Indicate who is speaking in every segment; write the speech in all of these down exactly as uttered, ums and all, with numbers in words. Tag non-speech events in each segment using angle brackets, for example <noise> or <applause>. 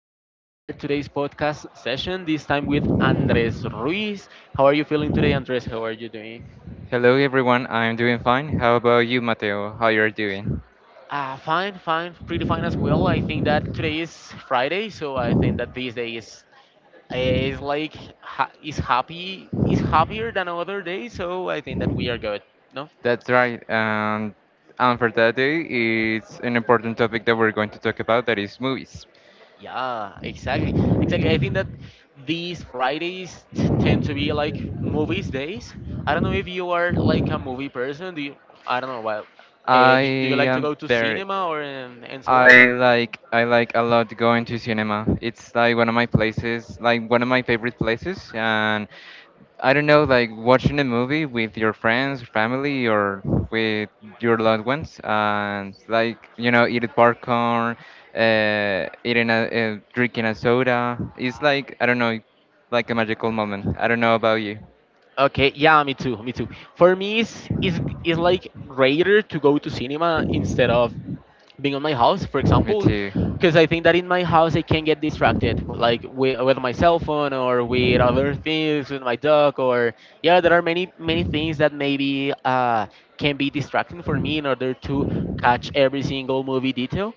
Speaker 1: to our today's podcast session. This time with Andres Ruiz. How are you feeling today, Andres? How are you doing?
Speaker 2: Hello everyone, I'm doing fine. How about you, Mateo? How you're doing?
Speaker 1: Uh, fine, fine, pretty fine as well. I think that today is Friday, so I think that this day is is like ha- is happy is happier than other days. So I think that we are good. No.
Speaker 2: That's right. And and for that day, it's an important topic that we're going to talk about. That is movies.
Speaker 1: Yeah, exactly. Exactly. I think that these Fridays t- tend to be like movies days. I don't know if you are like a movie person. Do you, I don't know. Well, uh,
Speaker 2: I
Speaker 1: do, do you like to
Speaker 2: am
Speaker 1: go to
Speaker 2: very.
Speaker 1: cinema or and, and so on?
Speaker 2: I
Speaker 1: Or?
Speaker 2: like I like a lot going to cinema. It's like one of my places, like one of my favorite places, and I don't know, like watching a movie with your friends, family, or with your loved ones, and like you know, eating popcorn, uh, eating a uh, drinking a soda. It's like I don't know, like a magical moment. I don't know about you.
Speaker 1: Okay, yeah, me too, me too. For me, it's, it's, it's like greater to go to cinema instead of being on my house, for
Speaker 2: Me
Speaker 1: example,
Speaker 2: too.
Speaker 1: because I think that in my house I can get distracted, w- like with, with my cell phone or with other things, with my dog, or yeah, there are many many things that maybe uh, can be distracting for me in order to catch every single movie detail.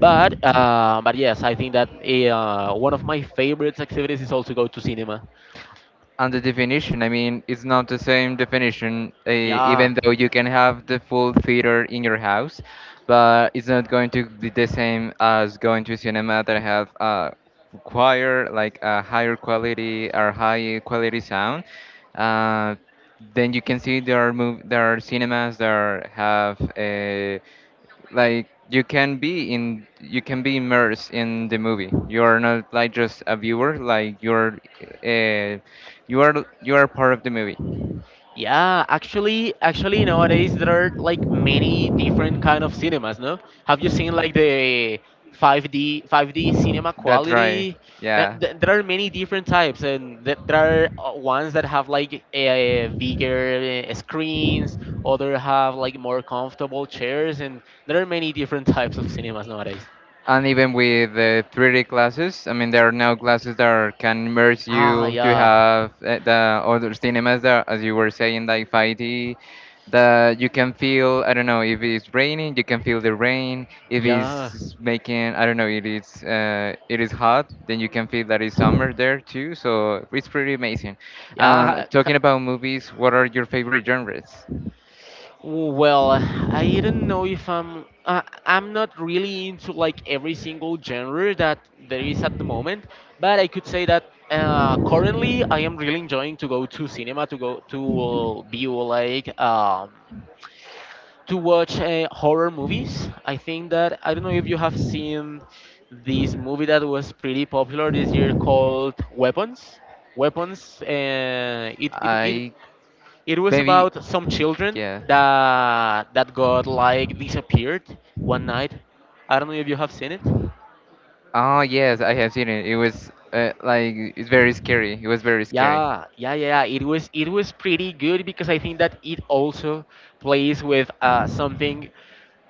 Speaker 1: But uh, but yes, I think that eh, uh, one of my favorite activities is also go to cinema.
Speaker 2: And the definition, I mean, it's not the same definition, uh,
Speaker 1: Yeah,
Speaker 2: even though you can have the full theater in your house, but it's not going to be the same as going to cinema that have a choir, like a higher quality or high quality sound. Uh, then you can see there are mov there are cinemas that are, have uh, like you can be in you can be immersed in the movie. You are not like just a viewer like you're uh, you are you are part of the movie.
Speaker 1: yeah, actually, actually nowadays there are like many different kind of cinemas, no? Have you seen like the five D five D cinema
Speaker 2: That's right,
Speaker 1: quality? Th-
Speaker 2: yeah.
Speaker 1: th- There are many different types, and th- there are uh, ones that have like a bigger uh, screens, other have like more comfortable chairs, and there are many different types of cinemas nowadays.
Speaker 2: And even with the three D classes, I mean, there are now classes that are, can immerse
Speaker 1: Ah,
Speaker 2: you to
Speaker 1: yeah,
Speaker 2: have uh, the other cinemas that, as you were saying, like five D, that you can feel, I don't know, if it's raining, you can feel the rain. If
Speaker 1: yeah,
Speaker 2: it's making, I don't know, it is, uh, it is hot, then you can feel that it's summer there too. So it's pretty amazing. Um,
Speaker 1: yeah.
Speaker 2: talking about movies, what are your favorite genres?
Speaker 1: Well, I don't know if I'm uh, I'm not really into like every single genre that there is at the moment, but I could say that uh, currently I am really enjoying to go to cinema to go to uh, view like um, to watch uh, horror movies. I think that I don't know if you have seen this movie that was pretty popular this year called Weapons. Weapons. Uh, it, it it
Speaker 2: I
Speaker 1: it was
Speaker 2: maybe,
Speaker 1: about some children
Speaker 2: yeah.
Speaker 1: that that got like disappeared one night. I don't know if you have seen it.
Speaker 2: Oh yes, I have seen it. It was uh, like it's very scary. It was very scary.
Speaker 1: Yeah, yeah, yeah, yeah. It was it was pretty good because I think that it also plays with uh, something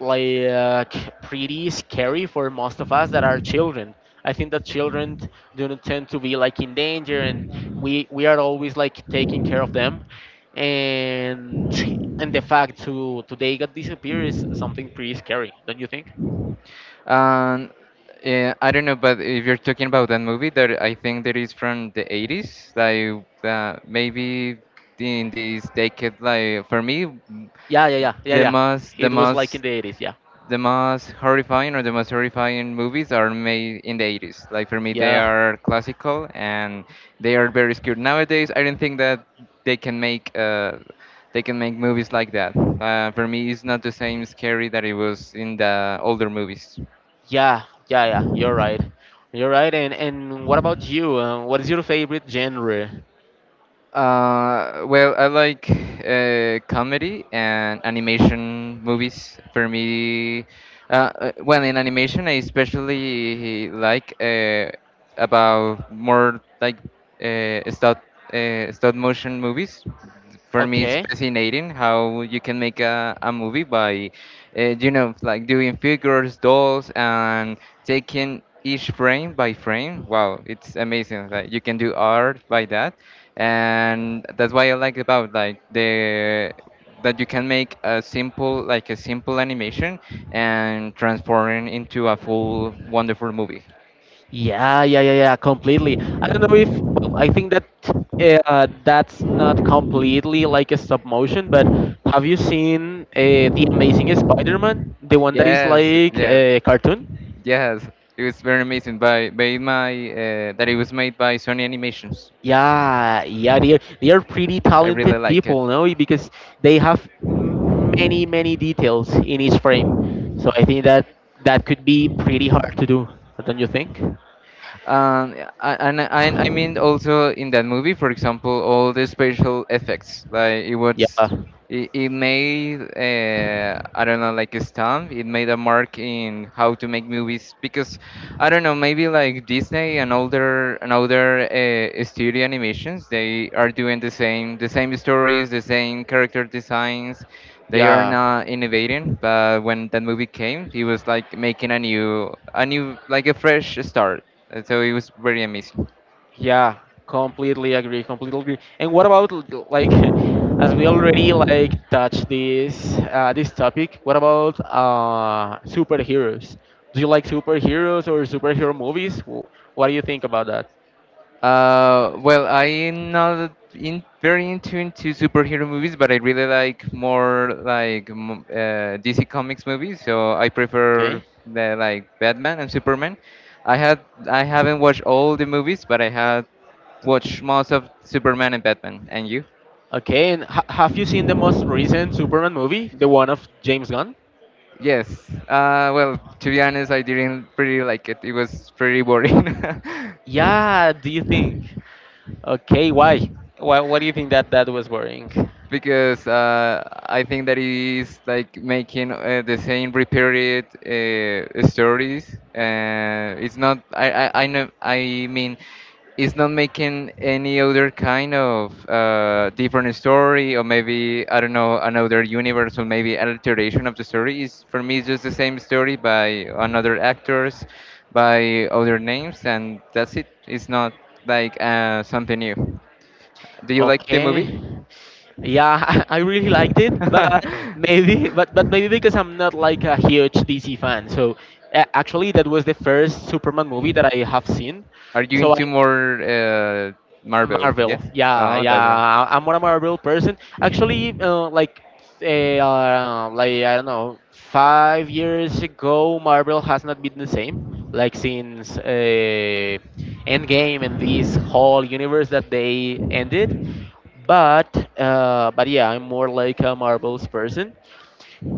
Speaker 1: like pretty scary for most of us that are children. I think that children do not tend to be like in danger, and we we are always like taking care of them, and and the fact to today got disappear is something pretty scary, don't you think?
Speaker 2: Um, yeah, I don't know, but if you're talking about that movie, that I think that is from the eighties, like uh, maybe in this decade, like for me,
Speaker 1: Yeah, yeah, yeah, yeah,
Speaker 2: the
Speaker 1: yeah.
Speaker 2: most the
Speaker 1: It was like in
Speaker 2: most
Speaker 1: the eighties, yeah,
Speaker 2: the most horrifying or the most horrifying movies are made in the eighties. Like for me, they
Speaker 1: yeah.
Speaker 2: are classical and they are very skewed. Nowadays, I don't think that they can make uh, they can make movies like that. Uh, for me, it's not the same scary that it was in the older movies.
Speaker 1: Yeah, yeah, yeah. You're right. You're right. And and what about you? Uh, what is your favorite genre?
Speaker 2: Uh, well, I like uh, comedy and animation movies. For me, uh, uh, well, in animation, I especially like uh, about more like uh, stop uh, stop motion movies. For me, it's
Speaker 1: Okay.
Speaker 2: fascinating how you can make a, a movie by, uh, you know, like doing figures, dolls, and taking each frame by frame. Wow, it's amazing that you can do art by that and that's why I like about like the that you can make a simple like a simple animation and transform it into a full wonderful movie.
Speaker 1: Yeah, yeah, yeah, yeah. Completely. I don't know if. Well, I think that uh, that's not completely like a stop motion. But have you seen uh, the Amazing Spider-Man, the one that is
Speaker 2: Yes,
Speaker 1: like
Speaker 2: yeah,
Speaker 1: a cartoon?
Speaker 2: yes. It was very amazing by by my uh, that it was made by Sony Animations.
Speaker 1: Yeah, yeah, they're they're pretty
Speaker 2: I
Speaker 1: talented
Speaker 2: really like it.
Speaker 1: people, no? Because they have m- many many details in each frame, so I think that that could be pretty hard to do, don't you think?
Speaker 2: Um, yeah, a- and and I mean also in that movie, for example, all the special effects, like it was,
Speaker 1: Yeah,
Speaker 2: it, it made uh, I don't know, like a stamp. It made a mark in how to make movies because I don't know, maybe like Disney and older and older uh, studio animations, they are doing the same, the same stories, the same character designs. They are
Speaker 1: yeah,
Speaker 2: not innovating, but when that movie came, it was like making a new, a new, like a fresh start. Uh, So it was very amazing.
Speaker 1: yeah. Completely agree. Completely agree. And what about l- like, <laughs> as we already like touched this uh, this topic, what about uh superheroes? Do you like superheroes or superhero movies? Wh- What do you think about that?
Speaker 2: Uh, well, I'm not in very into into superhero movies, but I really like more like m- uh, D C Comics movies. So I prefer the, like Batman and Superman. I had I haven't watched all the movies, but I had watched most of Superman and Batman. And you?
Speaker 1: Okay, and ha- have you seen the most recent Superman movie, the one of James Gunn?
Speaker 2: Yes. Uh, well, to be honest, I didn't really like it. It was pretty boring.
Speaker 1: Yeah,
Speaker 2: <laughs>
Speaker 1: do you think? Okay, why? Why? What do you think that that was boring?
Speaker 2: Because uh, I think that it is like making uh, the same repeated uh, stories. Uh, it's not. I, I I know. I mean, it's not making any other kind of uh, different story, or maybe I don't know another universe, or maybe alteration of the story. Is for me it's just the same story by another actors, by other names, and that's it. It's not like uh, something new. Do you like the movie?
Speaker 1: Okay. Yeah, <laughs> I really liked it, but maybe, but but maybe because I'm not like a huge D C fan. So uh, actually, that was the first Superman movie that I have seen.
Speaker 2: <laughs> Are you
Speaker 1: So I,
Speaker 2: into more uh, Marvel?
Speaker 1: Marvel.
Speaker 2: Yes.
Speaker 1: Yeah,
Speaker 2: Oh, that's right.
Speaker 1: yeah. I- am more a Marvel person. Actually, uh, like, eh, uh, like I don't know, five years ago, Marvel has not been the same. Like since uh, Endgame and this whole universe that they ended. But uh, but yeah, I'm more like a Marvel's person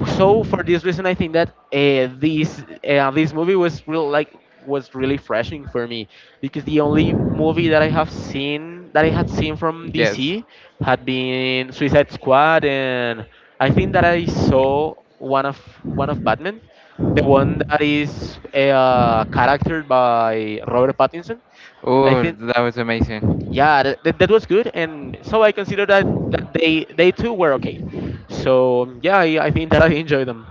Speaker 1: so for this reason I think that uh, this uh, this movie was real like was really refreshing for me because the only movie that i have seen that I had seen from
Speaker 2: Yes.
Speaker 1: dc had been suicide squad and I think that I saw one of one of batman the one that is uh, charactered by robert pattinson I
Speaker 2: Oh,
Speaker 1: think
Speaker 2: that was amazing.
Speaker 1: yeah that, that, that was good and so I consider that, that they they too were okay so yeah i, I think that I enjoyed them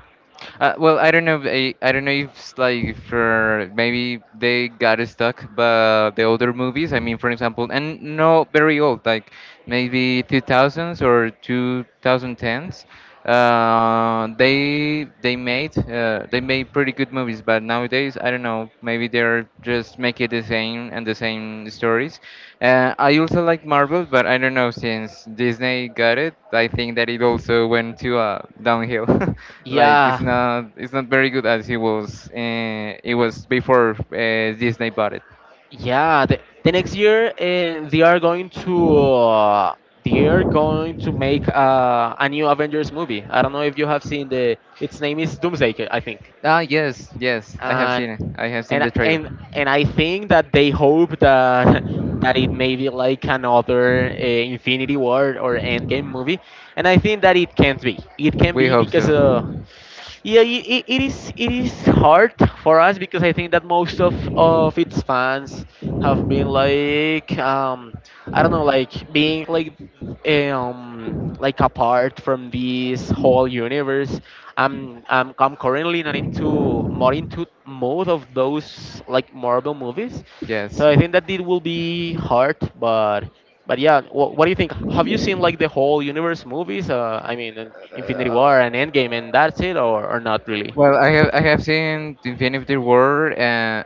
Speaker 2: Uh, well, I don't know. I, I don't know if it's like for maybe they got stuck, but the older movies. I mean, for example, and no, very old, like maybe two thousands or two thousand tens. Uh, they they made uh, they made pretty good movies, but now days. I don't know. Maybe they're just make it the same and the same stories. Uh, I also like Marvel, but I don't know since Disney got it. I think that it also went to uh, downhill. <laughs> Like it's
Speaker 1: Yeah,
Speaker 2: not it's not very good as it was. Uh, it was before uh, Disney bought it.
Speaker 1: yeah. The, the next year, uh, they are going to uh, they are going to make uh, a new Avengers movie. I don't know if you have seen the. Its name is Doomsday, Ki- I think.
Speaker 2: Ah yes yes, I have
Speaker 1: And
Speaker 2: seen it. I have seen
Speaker 1: and
Speaker 2: the trailer.
Speaker 1: and and I think that they hope that <laughs> that it may be like another uh, Infinity War or Endgame movie. And I think that it can't be. It can
Speaker 2: We
Speaker 1: be
Speaker 2: hope
Speaker 1: because uh,
Speaker 2: so.
Speaker 1: Yeah, i- i- it is it is hard for us because I think that most of of its fans have been like um I don't know like being like um like apart from this whole universe. I'm I'm, I'm currently not into more into most of those like Marvel movies, so
Speaker 2: Yes.
Speaker 1: I think that it will be hard, but. But yeah, what, what do you think? Have you seen like the whole universe movies? Uh, I mean, and Infinity War and Endgame, and that's it, or, or not really?
Speaker 2: Well, I have I have seen the Infinity War, and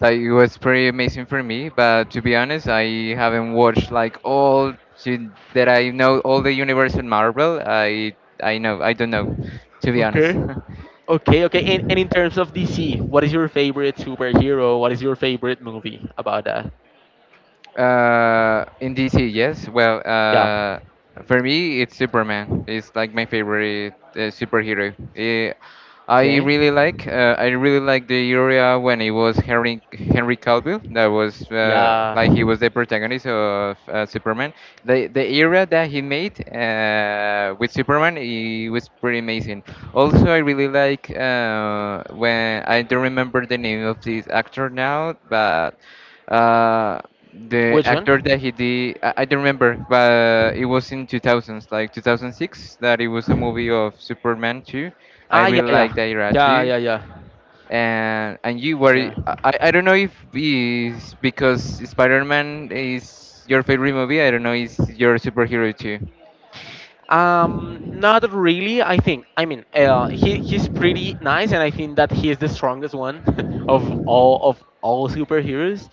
Speaker 2: that it was pretty amazing for me. But to be honest, I haven't watched like all to, that I know all the universe in Marvel. I I know I don't know, to be honest.
Speaker 1: Okay.
Speaker 2: <laughs>
Speaker 1: Okay, okay. And, and in terms of D C, what is your favorite superhero? What is your favorite movie about that?
Speaker 2: Uh, in D C, yes. Well,
Speaker 1: Yeah.
Speaker 2: uh, for me, it's Superman. It's like my favorite uh, superhero. Eh, I
Speaker 1: Okay.
Speaker 2: really like. Uh, I really like the area when it was Henry Henry Cavill. That was uh,
Speaker 1: Yeah.
Speaker 2: like he was the protagonist of uh, Superman. The the era that he made uh, with Superman, it was pretty amazing. Also, I really like uh, when I don't remember the name of this actor now, but. Uh, the
Speaker 1: Which
Speaker 2: actor
Speaker 1: one?
Speaker 2: that he did, I, I don't remember, but it was in two thousands, like two thousand six, that it was a movie of Superman two. I
Speaker 1: Ah, yeah,
Speaker 2: really
Speaker 1: yeah,
Speaker 2: like that era
Speaker 1: yeah,
Speaker 2: too.
Speaker 1: yeah, yeah.
Speaker 2: And and you were,
Speaker 1: Yeah.
Speaker 2: I, I I don't know if it's because Spider-Man is your favorite movie. I don't know, it's your superhero too.
Speaker 1: Um, not really. I think. I mean, uh, he he's pretty nice, and I think that he is the strongest one <laughs> of all of all superheroes.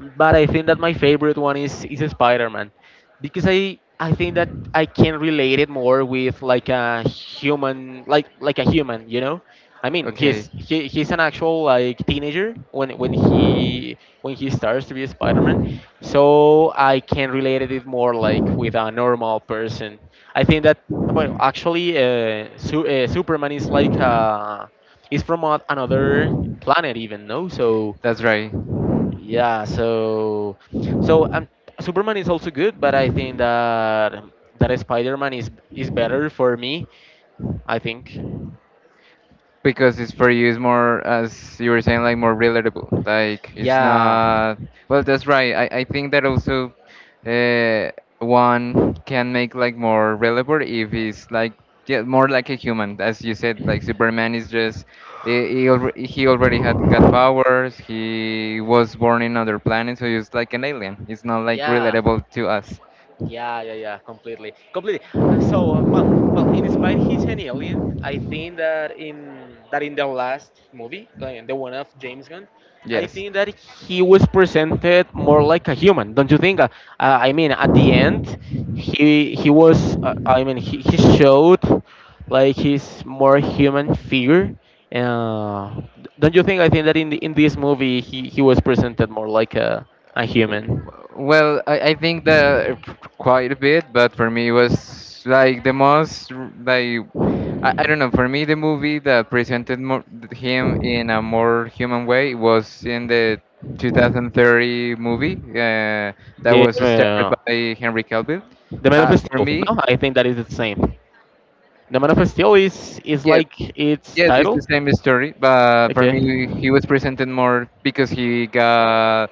Speaker 1: But I think that my favorite one is is Spider-Man because I I think that I can relate it more with like a human like like a human you know I mean
Speaker 2: Okay,
Speaker 1: he's he, he's an actual like teenager when when he when he starts to be a Spider-Man so I can relate it more like with a normal person I think that well actually uh, Su- uh, Superman is like uh, is from a- another planet even no so
Speaker 2: that's right.
Speaker 1: yeah, so so um, Superman is also good, but I think that that Spider-Man is is better for me, I think.
Speaker 2: Because it's for you is more as you were saying like more relatable, like it's
Speaker 1: Yeah.
Speaker 2: not well that's right, i, I think that also uh, one can make like more relatable if it's like yeah, more like a human as you said, like Superman is just he, he, alre- he already had got powers, he was born in other planet so he's like an alien. It's not like
Speaker 1: Yeah.
Speaker 2: relatable to us.
Speaker 1: Yeah, yeah, yeah, completely, completely. Uh, So, uh, well, well, in spite he's an alien, I think that in that in the last movie, like the one of James Gunn, I
Speaker 2: Yes.
Speaker 1: think that he was presented more like a human. Don't you think? Uh, uh, I mean, at the end, he he was. Uh, I mean, he, he showed like his more human figure. Uh, don't you think? I think that in the, in this movie, he he was presented more like a a human.
Speaker 2: Well, I, I think that quite a bit, but for me it was like the most r- like I, I don't know. For me, the movie that presented more, him in a more human way was in the two thousand thirty movie uh, that
Speaker 1: The
Speaker 2: was starred
Speaker 1: uh,
Speaker 2: by Henry Cavill.
Speaker 1: The Man
Speaker 2: Uh,
Speaker 1: of
Speaker 2: for
Speaker 1: Steel.
Speaker 2: me,
Speaker 1: No, I think that is the same. The Man of Steel is is
Speaker 2: yes,
Speaker 1: like its
Speaker 2: yes, it's the
Speaker 1: title.
Speaker 2: same story, but for
Speaker 1: Okay.
Speaker 2: me, he was presented more because he got,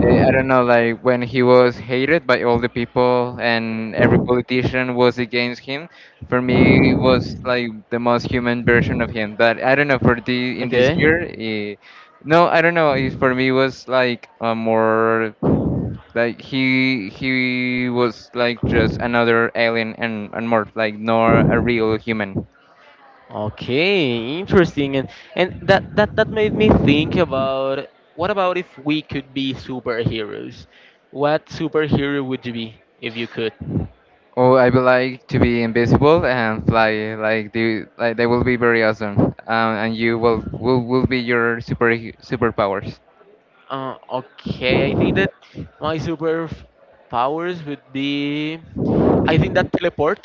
Speaker 2: eh, I don't know, like when he was hated by all the people and every politician was against him. For me, it was like the most human version of him. But I don't know for the in this
Speaker 1: Okay.
Speaker 2: year, eh, no, I don't know. It for me it was like a more like he he was like just another alien and and more like nor a real human.
Speaker 1: Okay. Interesting. And and that that that made me think about what about if we could be superheroes? What superhero would you be if you could?
Speaker 2: Oh, I would like to be invisible and fly. Like they, like they will be very awesome. Um, and you, will will will be your super superpowers.
Speaker 1: Uh, okay, I think that my super f- powers would be. I think that teleport.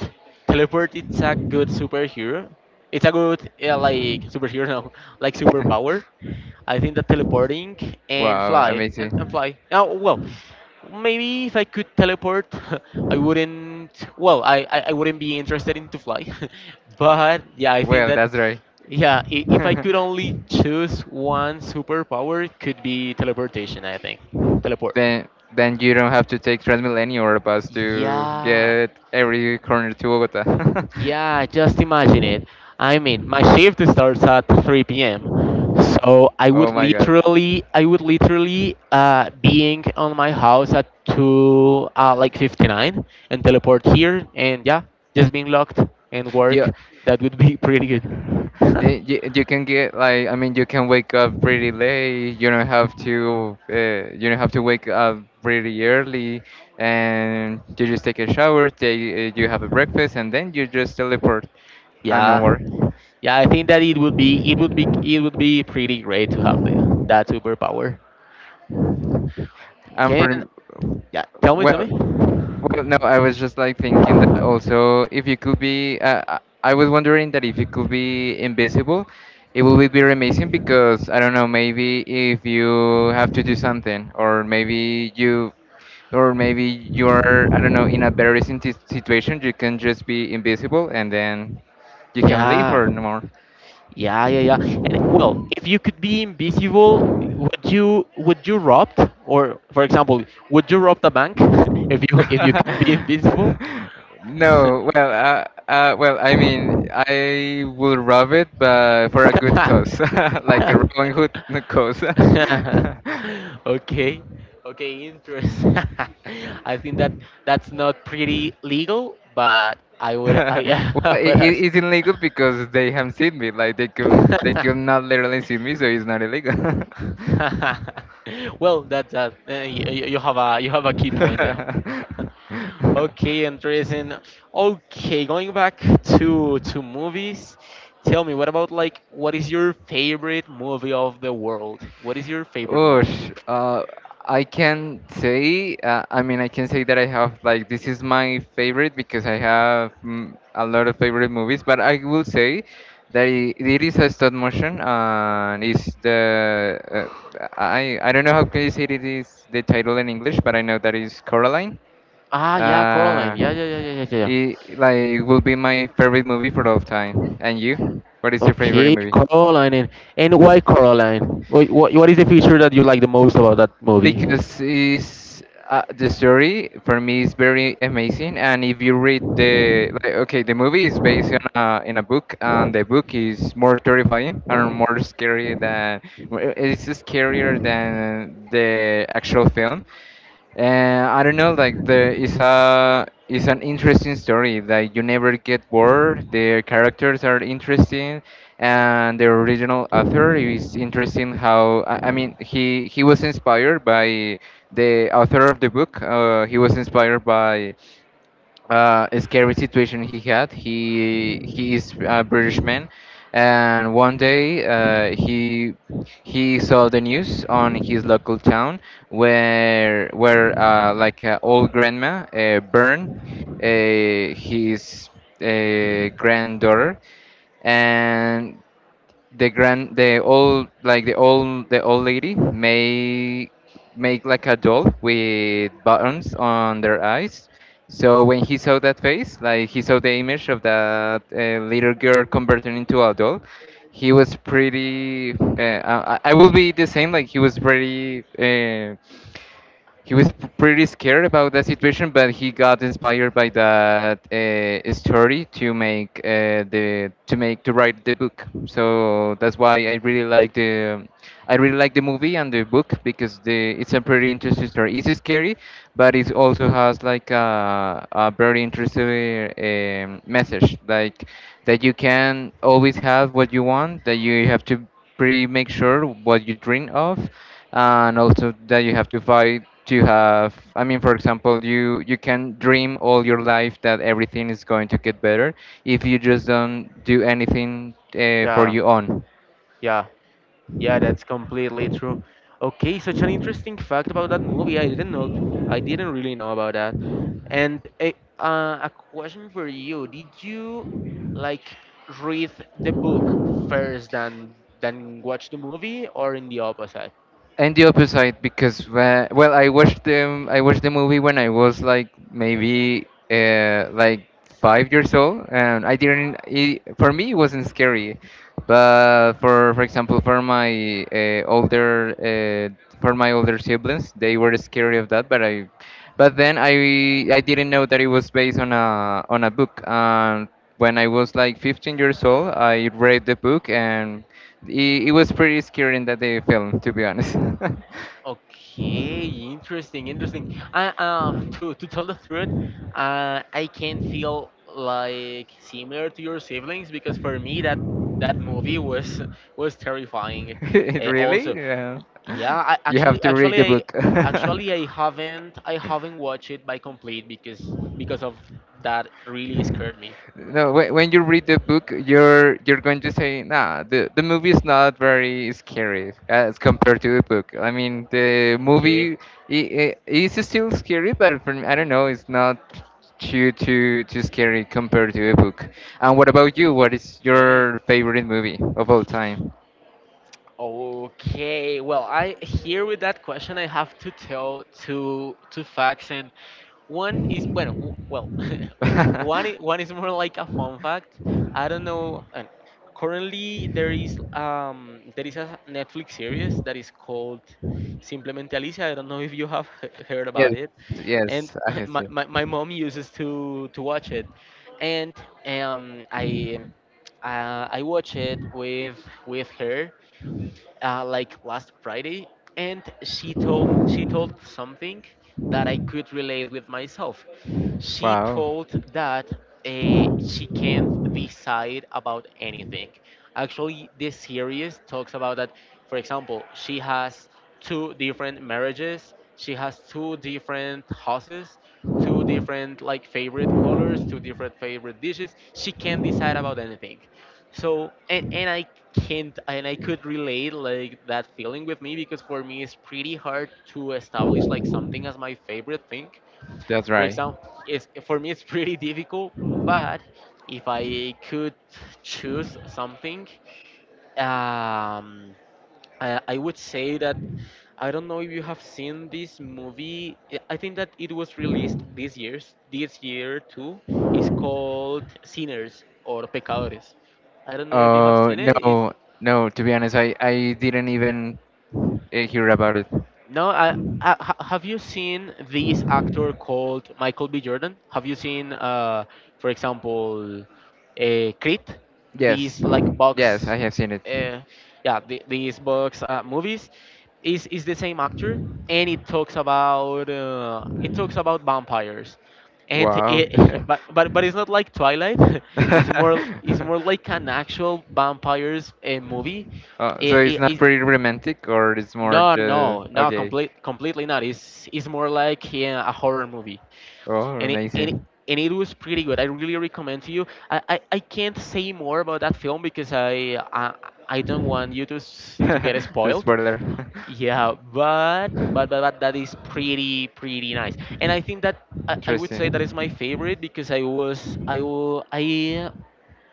Speaker 1: Teleport it's a good superhero. It's a good yeah, like superhero no, <laughs> like
Speaker 2: <laughs>
Speaker 1: superpower. I think that teleporting and
Speaker 2: Wow,
Speaker 1: fly and, and
Speaker 2: amazing.
Speaker 1: fly. Oh well, maybe if I could teleport, <laughs> I wouldn't. Well, I, I, I wouldn't be interested in to fly, <laughs> but yeah, I think
Speaker 2: Well,
Speaker 1: that
Speaker 2: that's right.
Speaker 1: yeah, i- if I could
Speaker 2: <laughs>
Speaker 1: only choose one superpower, it could be teleportation, I think. Teleport.
Speaker 2: Then then you don't have to take Transmilenio or a bus to
Speaker 1: Yeah,
Speaker 2: get every corner to Bogota. <laughs>
Speaker 1: yeah, just imagine it. I mean, my shift starts at three p m. So I
Speaker 2: Oh
Speaker 1: would
Speaker 2: my God.
Speaker 1: literally, I would literally uh, being on my house at two, uh, like fifty-nine and teleport here and yeah, just being locked and
Speaker 2: Yeah,
Speaker 1: work. That would be pretty
Speaker 2: you,
Speaker 1: good. <laughs>
Speaker 2: you, you can get like I mean you can wake up pretty late. You don't have to uh, you don't have to wake up pretty early, and you just take a shower. Take, uh, you have a breakfast, and then you just teleport and
Speaker 1: Yeah,
Speaker 2: onward.
Speaker 1: yeah. I think that it would be it would be it would be pretty great to have the that superpower.
Speaker 2: And
Speaker 1: Can
Speaker 2: for
Speaker 1: yeah? Tell me, tell
Speaker 2: well,
Speaker 1: me.
Speaker 2: well, no, I was just like thinking that also if you could be, uh, I I was wondering that if you could be invisible, it would be amazing because I don't know, maybe if you have to do something, or maybe you, or maybe you're, I don't know, in a very situation, you can just be invisible and then you can leave
Speaker 1: Yeah,
Speaker 2: or no more.
Speaker 1: yeah, yeah, yeah. And well, if you could be invisible, would you would you robbed or for example, would you rob the bank <laughs> if you if you could be invisible?
Speaker 2: <laughs> No, well, uh, uh, well, I mean, I will rob it, but for a good
Speaker 1: <laughs>
Speaker 2: cause, <laughs> like a Robin Hood cause.
Speaker 1: <laughs> <laughs>
Speaker 2: <laughs>
Speaker 1: okay okay interest <laughs> I think that that's not pretty legal but i would i, <laughs>
Speaker 2: Well,
Speaker 1: I would
Speaker 2: it,
Speaker 1: as-
Speaker 2: it's illegal because they haven't seen me. Like they can, they could not literally see me, so it's not illegal.
Speaker 1: <laughs> well that's that uh, you, you have a you have a key point there <laughs>
Speaker 2: <laughs>
Speaker 1: okay
Speaker 2: <laughs>
Speaker 1: interesting okay going back to to movies tell me what about like what is your favorite movie of the world what is your favorite one
Speaker 2: Oosh, uh, I can say, uh, I mean, I can say that I have like this is my favorite because I have mm, a lot of favorite movies, but I will say that I it is a stop motion uh, and it's the uh, I I don't know how can you say it is the title in English, but I know that is Coraline.
Speaker 1: ah yeah coraline
Speaker 2: Uh,
Speaker 1: yeah yeah yeah yeah yeah yeah
Speaker 2: it like will be my favorite movie for all time. And you? What is your favorite
Speaker 1: Okay,
Speaker 2: movie?
Speaker 1: Coraline. And and why Coraline? What, what, what is the feature that you like the most about that movie?
Speaker 2: Because is, uh, the story for me is very amazing. And if you read the like, okay, the movie is based on a, in a book, and the book is more terrifying and more scary than w- it's scarier than the actual film. And I don't know, like the it's a it's an interesting story. Like you never get bored. The characters are interesting, and the original author is interesting. How I, I mean, he he was inspired by the author of the book. Uh, he was inspired by uh, a scary situation he had. He he is a British man, and one day uh, he he saw the news on his local town where where uh, like uh, old grandma uh, burned uh, his uh, granddaughter, and the grand the old like the old the old lady may make like a doll with buttons on their eyes. So when he saw that face, like he saw the image of that uh, little girl converted into a doll, he was pretty uh, I, I I will be the same. Like he was pretty uh, he was p- pretty scared about the situation, but he got inspired by that uh, story to make uh, the to make to write the book. So that's why I really like the I really like the movie and the book, because the it's a pretty interesting story. It's scary, but it also has like a, a very interesting um, message, like that you can always have what you want, that you have to pretty make sure what you dream of, and also that you have to fight to have, I mean, for example, you you can dream all your life that everything is going to get better if you just don't do anything uh, for
Speaker 1: Yeah,
Speaker 2: your own.
Speaker 1: yeah, yeah, that's completely true. Okay, such an interesting fact about that movie. I didn't know. I didn't really know about that. And a, uh, a question for you. Did you like read the book first than than watch the movie, or in the opposite?
Speaker 2: And the opposite, because when, well, I watched them. I watched the movie when I was like maybe uh, like five years old, and I didn't. It, for me, it wasn't scary, but for for example, for my uh, older uh, for my older siblings, they were scared of that. But I, but then I I didn't know that it was based on a, on a book. And when I was like fifteen years old, I read the book, and it, it was pretty scary in that the film, to be honest. <laughs>
Speaker 1: Okay, interesting, interesting. I uh to to tell the truth, uh I can feel like similar to your siblings, because for me that that movie was <laughs> was terrifying.
Speaker 2: It
Speaker 1: Uh,
Speaker 2: really?
Speaker 1: also,
Speaker 2: Yeah.
Speaker 1: yeah, I
Speaker 2: You have
Speaker 1: actually
Speaker 2: to read
Speaker 1: actually
Speaker 2: the
Speaker 1: I
Speaker 2: book. <laughs>
Speaker 1: actually I haven't I haven't watched it by complete, because because of that really scared me.
Speaker 2: No, when, when you read the book, you're you're going to say, nah, the the movie is not very scary as compared to the book. I mean, the
Speaker 1: Okay,
Speaker 2: movie, it, it is still scary, but for me, I don't know, it's not too, too, too scary compared to the book. And what about you? What is
Speaker 1: okay.
Speaker 2: your favorite movie of all time?
Speaker 1: Okay, well, I here with that question, I have to tell two two facts. And one is bueno, w- well, <laughs> one i-
Speaker 2: <laughs>
Speaker 1: one is more like a fun fact. I don't know. uh, Currently, there is um there is a Netflix series that is called Simplemente Alicia. I don't know if you have <laughs> heard
Speaker 2: Yes,
Speaker 1: about it. And
Speaker 2: yes, I
Speaker 1: <laughs>
Speaker 2: have
Speaker 1: my,
Speaker 2: seen.
Speaker 1: my, my mom uses to to watch it, and um I uh, I watched it with with her uh, like last Friday, and she told she told something that I could relate with myself. She
Speaker 2: Wow,
Speaker 1: told that uh, she can't decide about anything. Actually, this series talks about that. For example, she has two different marriages, she has two different houses, two different like favorite colors, two different favorite dishes. She can't decide about anything. So, and and I can't, and I could relate like that feeling with me, because for me it's pretty hard to establish like something as my favorite thing.
Speaker 2: that's
Speaker 1: For
Speaker 2: right.
Speaker 1: example, it's, for me it's pretty difficult, but if I could choose something, um, I, I would say that I don't know if you have seen this movie. I I think that it was released this year's this year too. It's called Sinners, or Pecadores. I don't know if you have
Speaker 2: Oh
Speaker 1: seen it. It's
Speaker 2: no, no. To be honest, I I didn't even uh, hear about it.
Speaker 1: No, I, I, ha- have you seen this actor called Michael B. Jordan? Have you seen, uh, for example, uh, Creed?
Speaker 2: Yes,
Speaker 1: These like
Speaker 2: yes, I
Speaker 1: box,
Speaker 2: have seen it.
Speaker 1: uh, yeah, the, these box uh, movies is is the same actor, and it talks about uh, it talks about vampires, and
Speaker 2: Wow.
Speaker 1: it, <laughs> but but but it's not like Twilight. <laughs> it's more it's more like an
Speaker 2: <laughs>
Speaker 1: actual vampires uh, movie.
Speaker 2: Oh, so it's
Speaker 1: It,
Speaker 2: not
Speaker 1: it,
Speaker 2: pretty romantic, or it's more,
Speaker 1: no,
Speaker 2: just
Speaker 1: no, no,
Speaker 2: okay.
Speaker 1: complete, completely not. It's it's more like, yeah, a horror movie,
Speaker 2: Oh,
Speaker 1: and it, and it,
Speaker 2: amazing.
Speaker 1: and it was pretty good. I really recommend to you. I, I, I can't say more about that film, because I I, I don't want you to s- to
Speaker 2: <laughs>
Speaker 1: get
Speaker 2: The
Speaker 1: spoiled.
Speaker 2: spoiler.
Speaker 1: Yeah, but, but but but
Speaker 2: <laughs>
Speaker 1: that is pretty pretty nice, and I think that I, I would say that is
Speaker 2: Interesting.
Speaker 1: my favorite, because I was I wa- I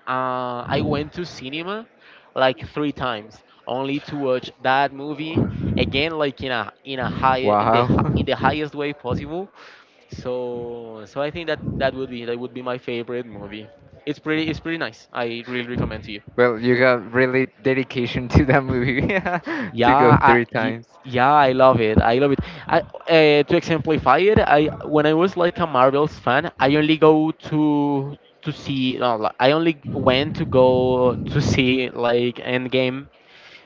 Speaker 1: uh, I went to cinema like three times only to watch that movie again, like in a in a high in the hi- in
Speaker 2: Wow.
Speaker 1: the
Speaker 2: <laughs>
Speaker 1: highest way possible. So so I think that that would be that would be my favorite movie. It's pretty it's pretty nice. I really recommend to you.
Speaker 2: Well, you got really dedication to that movie <laughs>
Speaker 1: Yeah,
Speaker 2: to go
Speaker 1: I,
Speaker 2: three
Speaker 1: y-
Speaker 2: times,
Speaker 1: yeah, I love it. I love it. I uh, to exemplify it, I when I was like a Marvels fan, I only go to to see. No, li- I only went to go to see like Endgame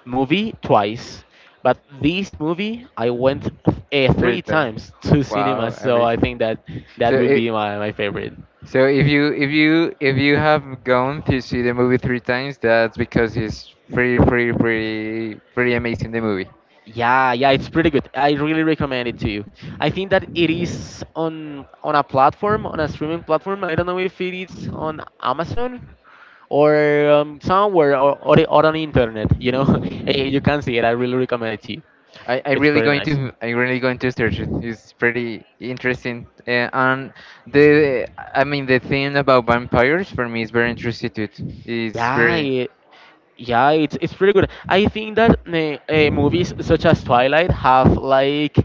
Speaker 1: movie twice, but this movie I went uh,
Speaker 2: three
Speaker 1: three
Speaker 2: times.
Speaker 1: times <laughs> to cinema,
Speaker 2: Wow,
Speaker 1: so I
Speaker 2: amazing.
Speaker 1: think that
Speaker 2: So
Speaker 1: that would
Speaker 2: it,
Speaker 1: be my, my favorite.
Speaker 2: so if you, if you, if you have gone to see the movie three times, that's because it's pretty, pretty, pretty, pretty amazing the movie.
Speaker 1: Yeah, yeah, it's pretty good. I really recommend it to you. I think that it is on on a platform, on a streaming platform. I don't know if it is on Amazon, or um, somewhere, or, or, the- or on the internet. You know, <laughs> eh, you can see it. I really recommend it to you.
Speaker 2: I I
Speaker 1: It's
Speaker 2: really
Speaker 1: pretty
Speaker 2: going
Speaker 1: nice.
Speaker 2: to, I really going to search it. It's pretty interesting. Uh, and the I mean the thing about vampires for me is very interesting too. It's
Speaker 1: Yeah,
Speaker 2: very,
Speaker 1: it, Yeah, it's it's pretty good. I think that uh, movies such as Twilight have like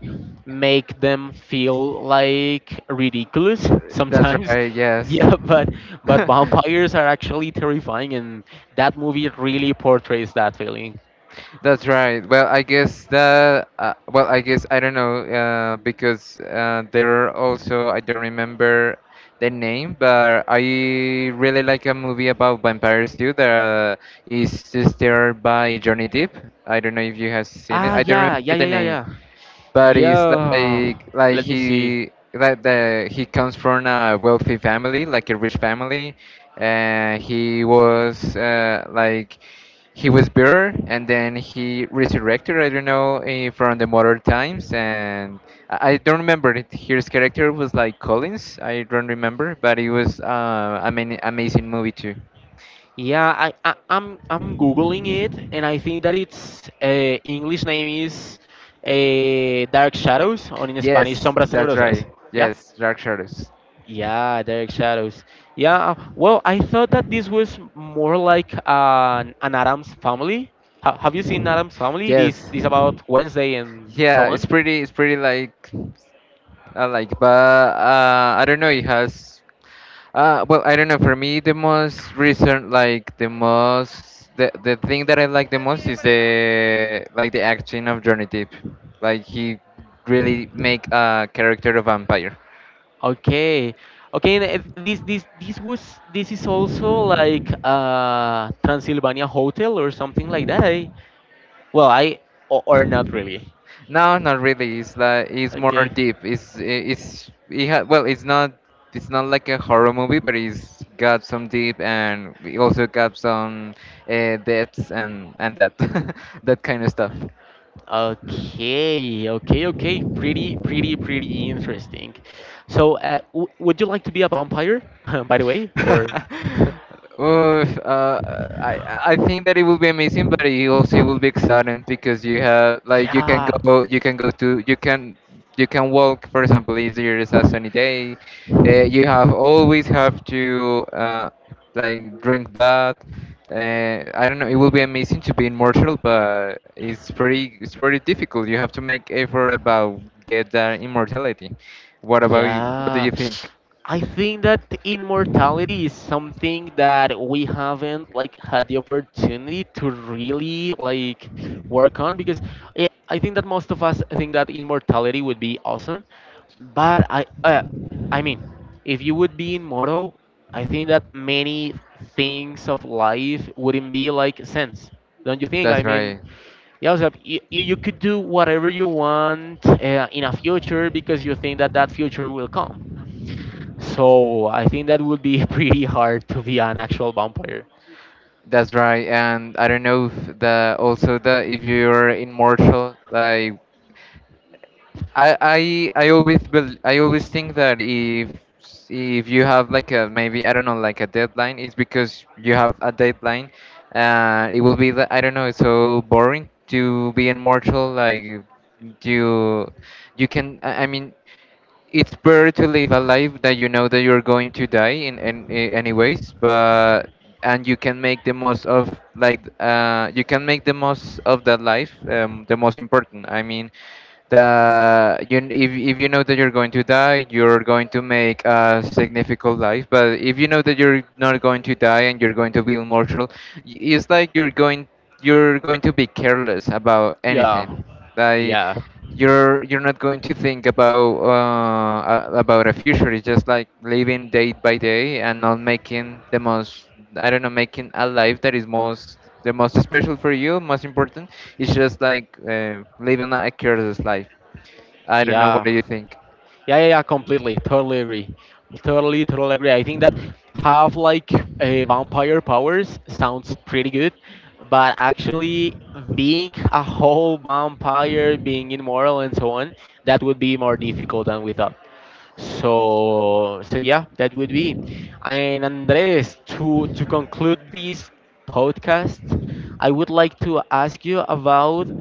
Speaker 1: make them feel like ridiculous
Speaker 2: that's
Speaker 1: sometimes. <laughs>
Speaker 2: right. Yes.
Speaker 1: Yeah, but but
Speaker 2: <laughs>
Speaker 1: vampires are actually terrifying, and that movie really portrays that feeling.
Speaker 2: That's right. Well, I guess that. Uh, well, I guess I don't know, uh, because uh, there are also, I don't remember the name, but I really like a movie about vampires too, that uh, is starred by Johnny Depp. I don't know if you have seen it.
Speaker 1: Ah,
Speaker 2: I don't
Speaker 1: yeah, yeah,
Speaker 2: remember the
Speaker 1: yeah, yeah,
Speaker 2: name,
Speaker 1: yeah.
Speaker 2: but it's
Speaker 1: Yeah.
Speaker 2: like like
Speaker 1: Let me see.
Speaker 2: he like the he comes from a wealthy family, like a rich family, and he was uh, like he was bitter, and then he resurrected. I don't know, eh, from the modern times, and I I don't remember it. His character was like Collins. I don't remember, but it was uh, I mean amazing movie too.
Speaker 1: Yeah, I, I I'm I'm googling it, and I think that its uh, English name is uh, Dark Shadows, or in Spanish,
Speaker 2: Yes,
Speaker 1: Sombras
Speaker 2: that's
Speaker 1: Tenebrosas.
Speaker 2: right.
Speaker 1: Yeah?
Speaker 2: Yes, Dark Shadows.
Speaker 1: Yeah, Dark Shadows. Yeah, well, I thought that this was more like an, an Adam's Family. Ha, have you seen Adam's Family? This
Speaker 2: Yes.
Speaker 1: this about Wednesday and so
Speaker 2: Yeah, it's
Speaker 1: on.
Speaker 2: pretty. It's pretty like I like, but uh, I don't know. It has, uh, well, I don't know. For me, the most recent, like the most, the the thing that I like the most is the like the acting of Johnny Depp. Like he really make a character a vampire.
Speaker 1: Okay, okay. and if This this this was this is also like uh Transylvania Hotel or something like that. I Well, I or, or not really.
Speaker 2: No, not really. It's like it's more
Speaker 1: Okay.
Speaker 2: deep. It's it's it ha- well, it's not, it's not like a horror movie, but it's got some deep, and it also got some uh, depths and and that <laughs> that kind of stuff.
Speaker 1: Okay. Okay. Okay. Pretty, pretty, pretty interesting. So, uh, w would you like to be a vampire, <laughs> by the way, or?
Speaker 2: <laughs>
Speaker 1: <laughs>
Speaker 2: Oof, uh, I I think that it will be amazing, but it also it will be exciting because you have like you can
Speaker 1: Yeah.
Speaker 2: go, you can go to you can, you can walk for example if there is a sunny day, uh, you have always have to uh, like drink blood. Uh, I don't know. It will be amazing to be immortal, but it's pretty, it's pretty difficult. You have to make effort about get that immortality. What about you? What do
Speaker 1: Yeah,
Speaker 2: you think?
Speaker 1: I think that immortality is something that we haven't like had the opportunity to really like work on, because I I think that most of us think that immortality would be awesome, but I uh, I mean, if you would be immortal, I think that many things of life wouldn't be like sense. Don't you think?
Speaker 2: That's
Speaker 1: I
Speaker 2: right.
Speaker 1: mean, yeah, so you, you you could do whatever you want uh, in a future, because you think that that future will come. So I think that would be <laughs> pretty hard to be an actual vampire.
Speaker 2: That's right, and I don't know if the also the if you're immortal, like I I I always bel I always think that if if you have like a, maybe I don't know like a deadline, it's because you have a deadline. Uh, it will be li- I don't know. It's so boring to be immortal. Like you you can, I I mean it's better to live a life that you know that you're going to die in, in, in any. But, and you can make the most of like uh, you can make the most of that life, um, the most important, I mean the you, if, if you know that you're going to die, you're going to make a significant life. But if you know that you're not going to die and you're going to be immortal, y- it's like you're going, you're going to be careless about
Speaker 1: Yeah,
Speaker 2: anything, like
Speaker 1: yeah,
Speaker 2: you're you're not going to think about uh, a- about a future. It's just like living day by day and not making the most. I don't know, making a life that is most, the most special for you, most important. It's just like uh, living a careless life. I don't know. What
Speaker 1: yeah,
Speaker 2: do you think?
Speaker 1: yeah, yeah, yeah. Completely, totally agree. Totally, totally agree. I think that have like a vampire powers sounds pretty good, but actually being a whole vampire, being immortal and so on, that would be more difficult than we thought. So, so yeah, that would be. And Andres, to to conclude this podcast, I would like to ask you about,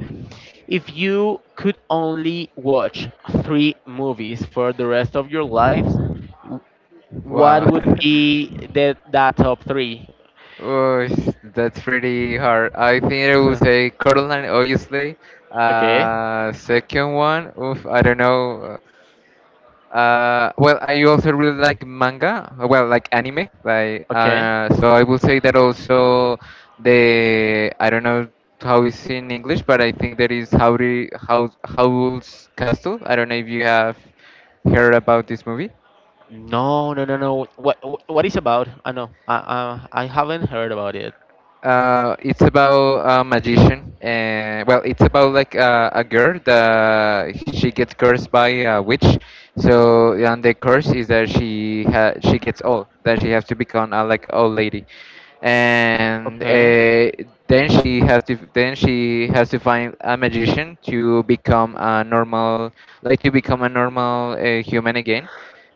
Speaker 1: if you could only watch three movies for the rest of your lives, w- what
Speaker 2: Wow.
Speaker 1: would
Speaker 2: <laughs>
Speaker 1: be the that top three? <laughs>
Speaker 2: Oh, sh- that's pretty hard. I think I would
Speaker 1: Huh.
Speaker 2: say Coraline, obviously.
Speaker 1: Okay,
Speaker 2: Uh, second one, oof, I don't know. Uh, well, I also really like manga. Uh, well, like anime. Like,
Speaker 1: okay.
Speaker 2: uh, so I will say that also the I don't know how it's in English, but I think that is howry House Howl's Castle. I don't know if you have heard about this movie.
Speaker 1: No, no, no, no. What what, what is about? I know. I, I I haven't heard about it.
Speaker 2: Uh, it's about a magician, and well, it's about like uh a girl that she gets cursed by a witch. So, and the curse is that she ha she gets old, that she has to become a like old lady, and
Speaker 1: Okay.
Speaker 2: uh, then she has to then she has to find a magician to become a normal, like to become a normal uh, human again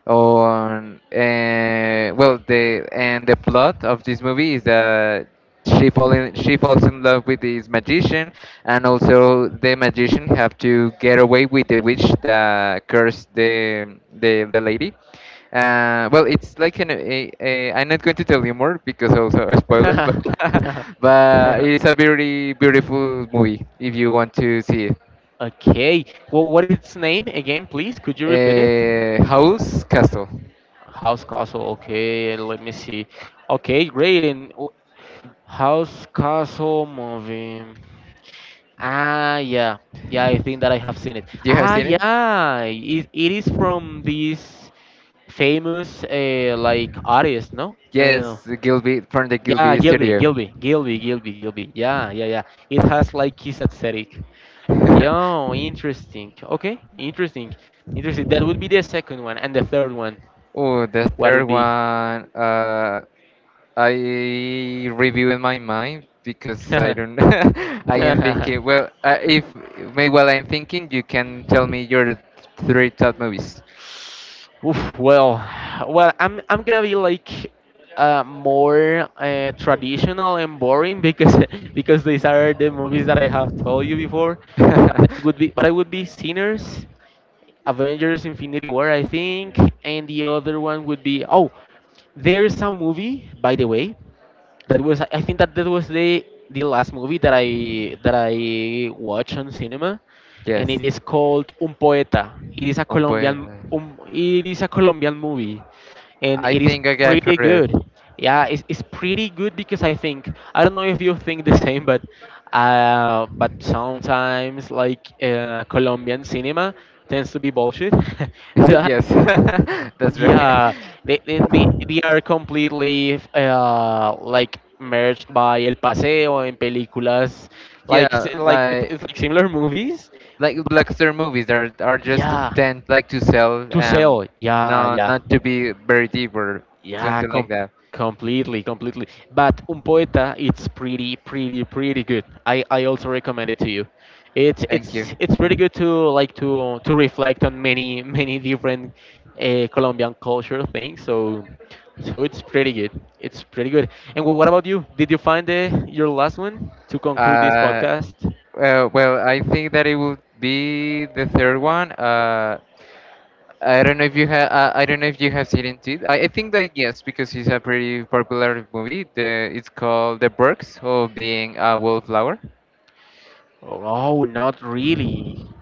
Speaker 2: on uh, well the and the plot of this movie is that she fall in, she falls in love with this magician, and also the magician have to get away with the witch that cursed the the, the lady. Uh, well it's like an a, a, I'm not going to tell you more because also a spoiler, but <laughs> but
Speaker 1: <laughs>
Speaker 2: it's a very beautiful movie if you want to see it.
Speaker 1: Okay. Well, what is its name again, please? Could you repeat it?
Speaker 2: Uh, house castle.
Speaker 1: House Castle. Okay, let me see. Okay, great. And w- House Castle movie. Ah, yeah. Yeah, I think that I have seen it.
Speaker 2: You have
Speaker 1: Ah,
Speaker 2: seen it.
Speaker 1: yeah. It, it is from this famous uh, like artist, no? Uh,
Speaker 2: Yes, the Gilby from the
Speaker 1: yeah,
Speaker 2: Gilby
Speaker 1: Gilby,
Speaker 2: Studio.
Speaker 1: Gilby, Gilby, Gilby, Gilby. Yeah, yeah, yeah. It has like his aesthetic.
Speaker 2: <laughs>
Speaker 1: Yeah, interesting. Okay, interesting. Interesting. That would be the second one. And the third one,
Speaker 2: Oh, the
Speaker 1: what
Speaker 2: third
Speaker 1: would be?
Speaker 2: one, uh, I review in my mind because I don't.
Speaker 1: <laughs>
Speaker 2: <laughs> I am thinking. Well, uh, if may while I'm thinking, you can tell me your three top movies.
Speaker 1: Oof, well, well, I'm I'm gonna be like uh, more uh, traditional and boring, because <laughs> because these are the movies that I have told you before. But it
Speaker 2: <laughs>
Speaker 1: would be, but I would be Sinners, Avengers: Infinity War, I think, and the other one would be, oh, there's a movie, by the way. That was, I think that that was the the last movie that I that I watched on cinema, and it
Speaker 2: yes,
Speaker 1: is called Un Poeta. It is a
Speaker 2: un pues.
Speaker 1: Colombian um, it is a Colombian movie, and
Speaker 2: I
Speaker 1: it is
Speaker 2: think I got
Speaker 1: pretty
Speaker 2: for it.
Speaker 1: good. Yeah, it's, it's pretty good, because I think I don't know if you think the same, but uh, but sometimes like uh, Colombian cinema tends to be bullshit, <laughs>
Speaker 2: <laughs>
Speaker 1: but
Speaker 2: yes, <laughs> that's right.
Speaker 1: yeah, they they they,
Speaker 2: <laughs>
Speaker 1: they are completely uh, like merged by El Paseo and películas, like
Speaker 2: Yeah,
Speaker 1: si- like
Speaker 2: like
Speaker 1: it's like similar movies,
Speaker 2: like
Speaker 1: but
Speaker 2: blockbuster movies are are just
Speaker 1: yeah,
Speaker 2: intent like to sell,
Speaker 1: to
Speaker 2: um
Speaker 1: sell, yeah,
Speaker 2: no,
Speaker 1: yeah.
Speaker 2: not to be very deep or
Speaker 1: Yeah,
Speaker 2: something like
Speaker 1: com-
Speaker 2: that.
Speaker 1: completely, completely. But Un Poeta, it's pretty, pretty, pretty good. I, I also recommend it to you. It's
Speaker 2: Thank you.
Speaker 1: it's it's pretty
Speaker 2: <laughs>
Speaker 1: good to like to to reflect on many <laughs> many different uh, Colombian culture things. So, so it's pretty good. It's pretty good. And wh- what about you? Did you find the, your last one to conclude this
Speaker 2: Uh,
Speaker 1: podcast?
Speaker 2: well, well I think that it would be the third one. Uh, I don't know if you have. Uh, I don't know if you have seen it. I, I think that yes, because it's a pretty popular movie. The, it's called The Perks of Being a Wallflower.
Speaker 1: Oh, no, not really.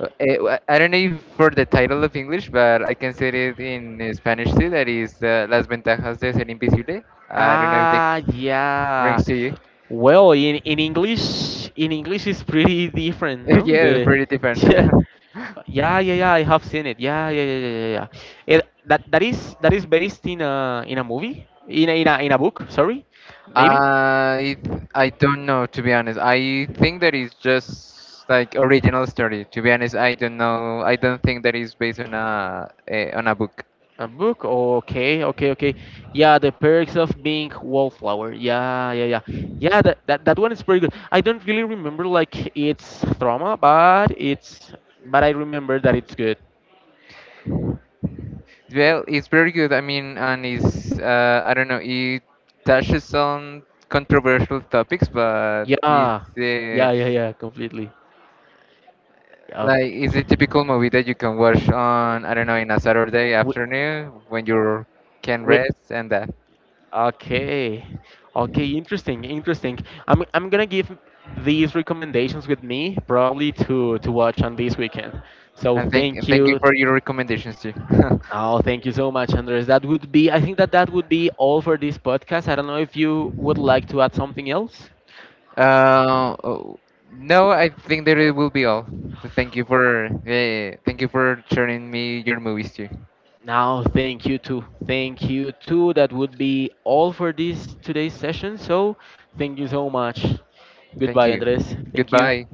Speaker 2: Uh, eh, wha- I don't know if for the title of English, but I can say it in uh, Spanish too. That is uh, Las Ventajas de Ser Invisible. I don't know if that
Speaker 1: Ah, yeah.
Speaker 2: rings to you.
Speaker 1: Well, in, in English, in English it's pretty different,
Speaker 2: <laughs>
Speaker 1: no?
Speaker 2: Yeah, it's
Speaker 1: The
Speaker 2: pretty
Speaker 1: <laughs>
Speaker 2: different. <laughs>
Speaker 1: yeah, yeah, yeah, yeah. I have seen it. Yeah, yeah, yeah, yeah, yeah. Yeah. It, that that is that is based in a in a movie, in a, in a in a book. Sorry, maybe
Speaker 2: I I don't know to be honest. I think that is just like original story. To be honest, I don't know. I don't think that is based on a, a on a book.
Speaker 1: a book. Okay, okay, okay. Yeah, the perks of being wallflower. Yeah, yeah, yeah. Yeah, that, that that one is pretty good. I don't really remember like its drama, but it's but I remember that it's good.
Speaker 2: Well, it's very good. I mean, and it's uh, I don't know. It touches on controversial topics, but it's,
Speaker 1: Yeah,
Speaker 2: uh,
Speaker 1: yeah, yeah, yeah. Completely. Yeah,
Speaker 2: like it's a typical movie that you can watch on I don't know in a Saturday
Speaker 1: With,
Speaker 2: afternoon when you can
Speaker 1: with
Speaker 2: rest and that.
Speaker 1: okay, okay, interesting, interesting. I'm I'm gonna give these recommendations with me, probably, to to watch on this weekend. So
Speaker 2: And thank, and
Speaker 1: thank
Speaker 2: thank you
Speaker 1: you.
Speaker 2: for your recommendations too. <laughs>
Speaker 1: Oh, thank you so much, Andres. That would be. I think that that would be all for this podcast. I don't know if you would like to add something else.
Speaker 2: uh, oh, no, I think that it will be all. So thank you for uh, thank you for sharing me your movies too.
Speaker 1: No, thank you too. Thank you too. That would be all for this today's session. So thank you so much.
Speaker 2: Thank
Speaker 1: Goodbye,
Speaker 2: you.
Speaker 1: Andres. Thank you.
Speaker 2: Goodbye.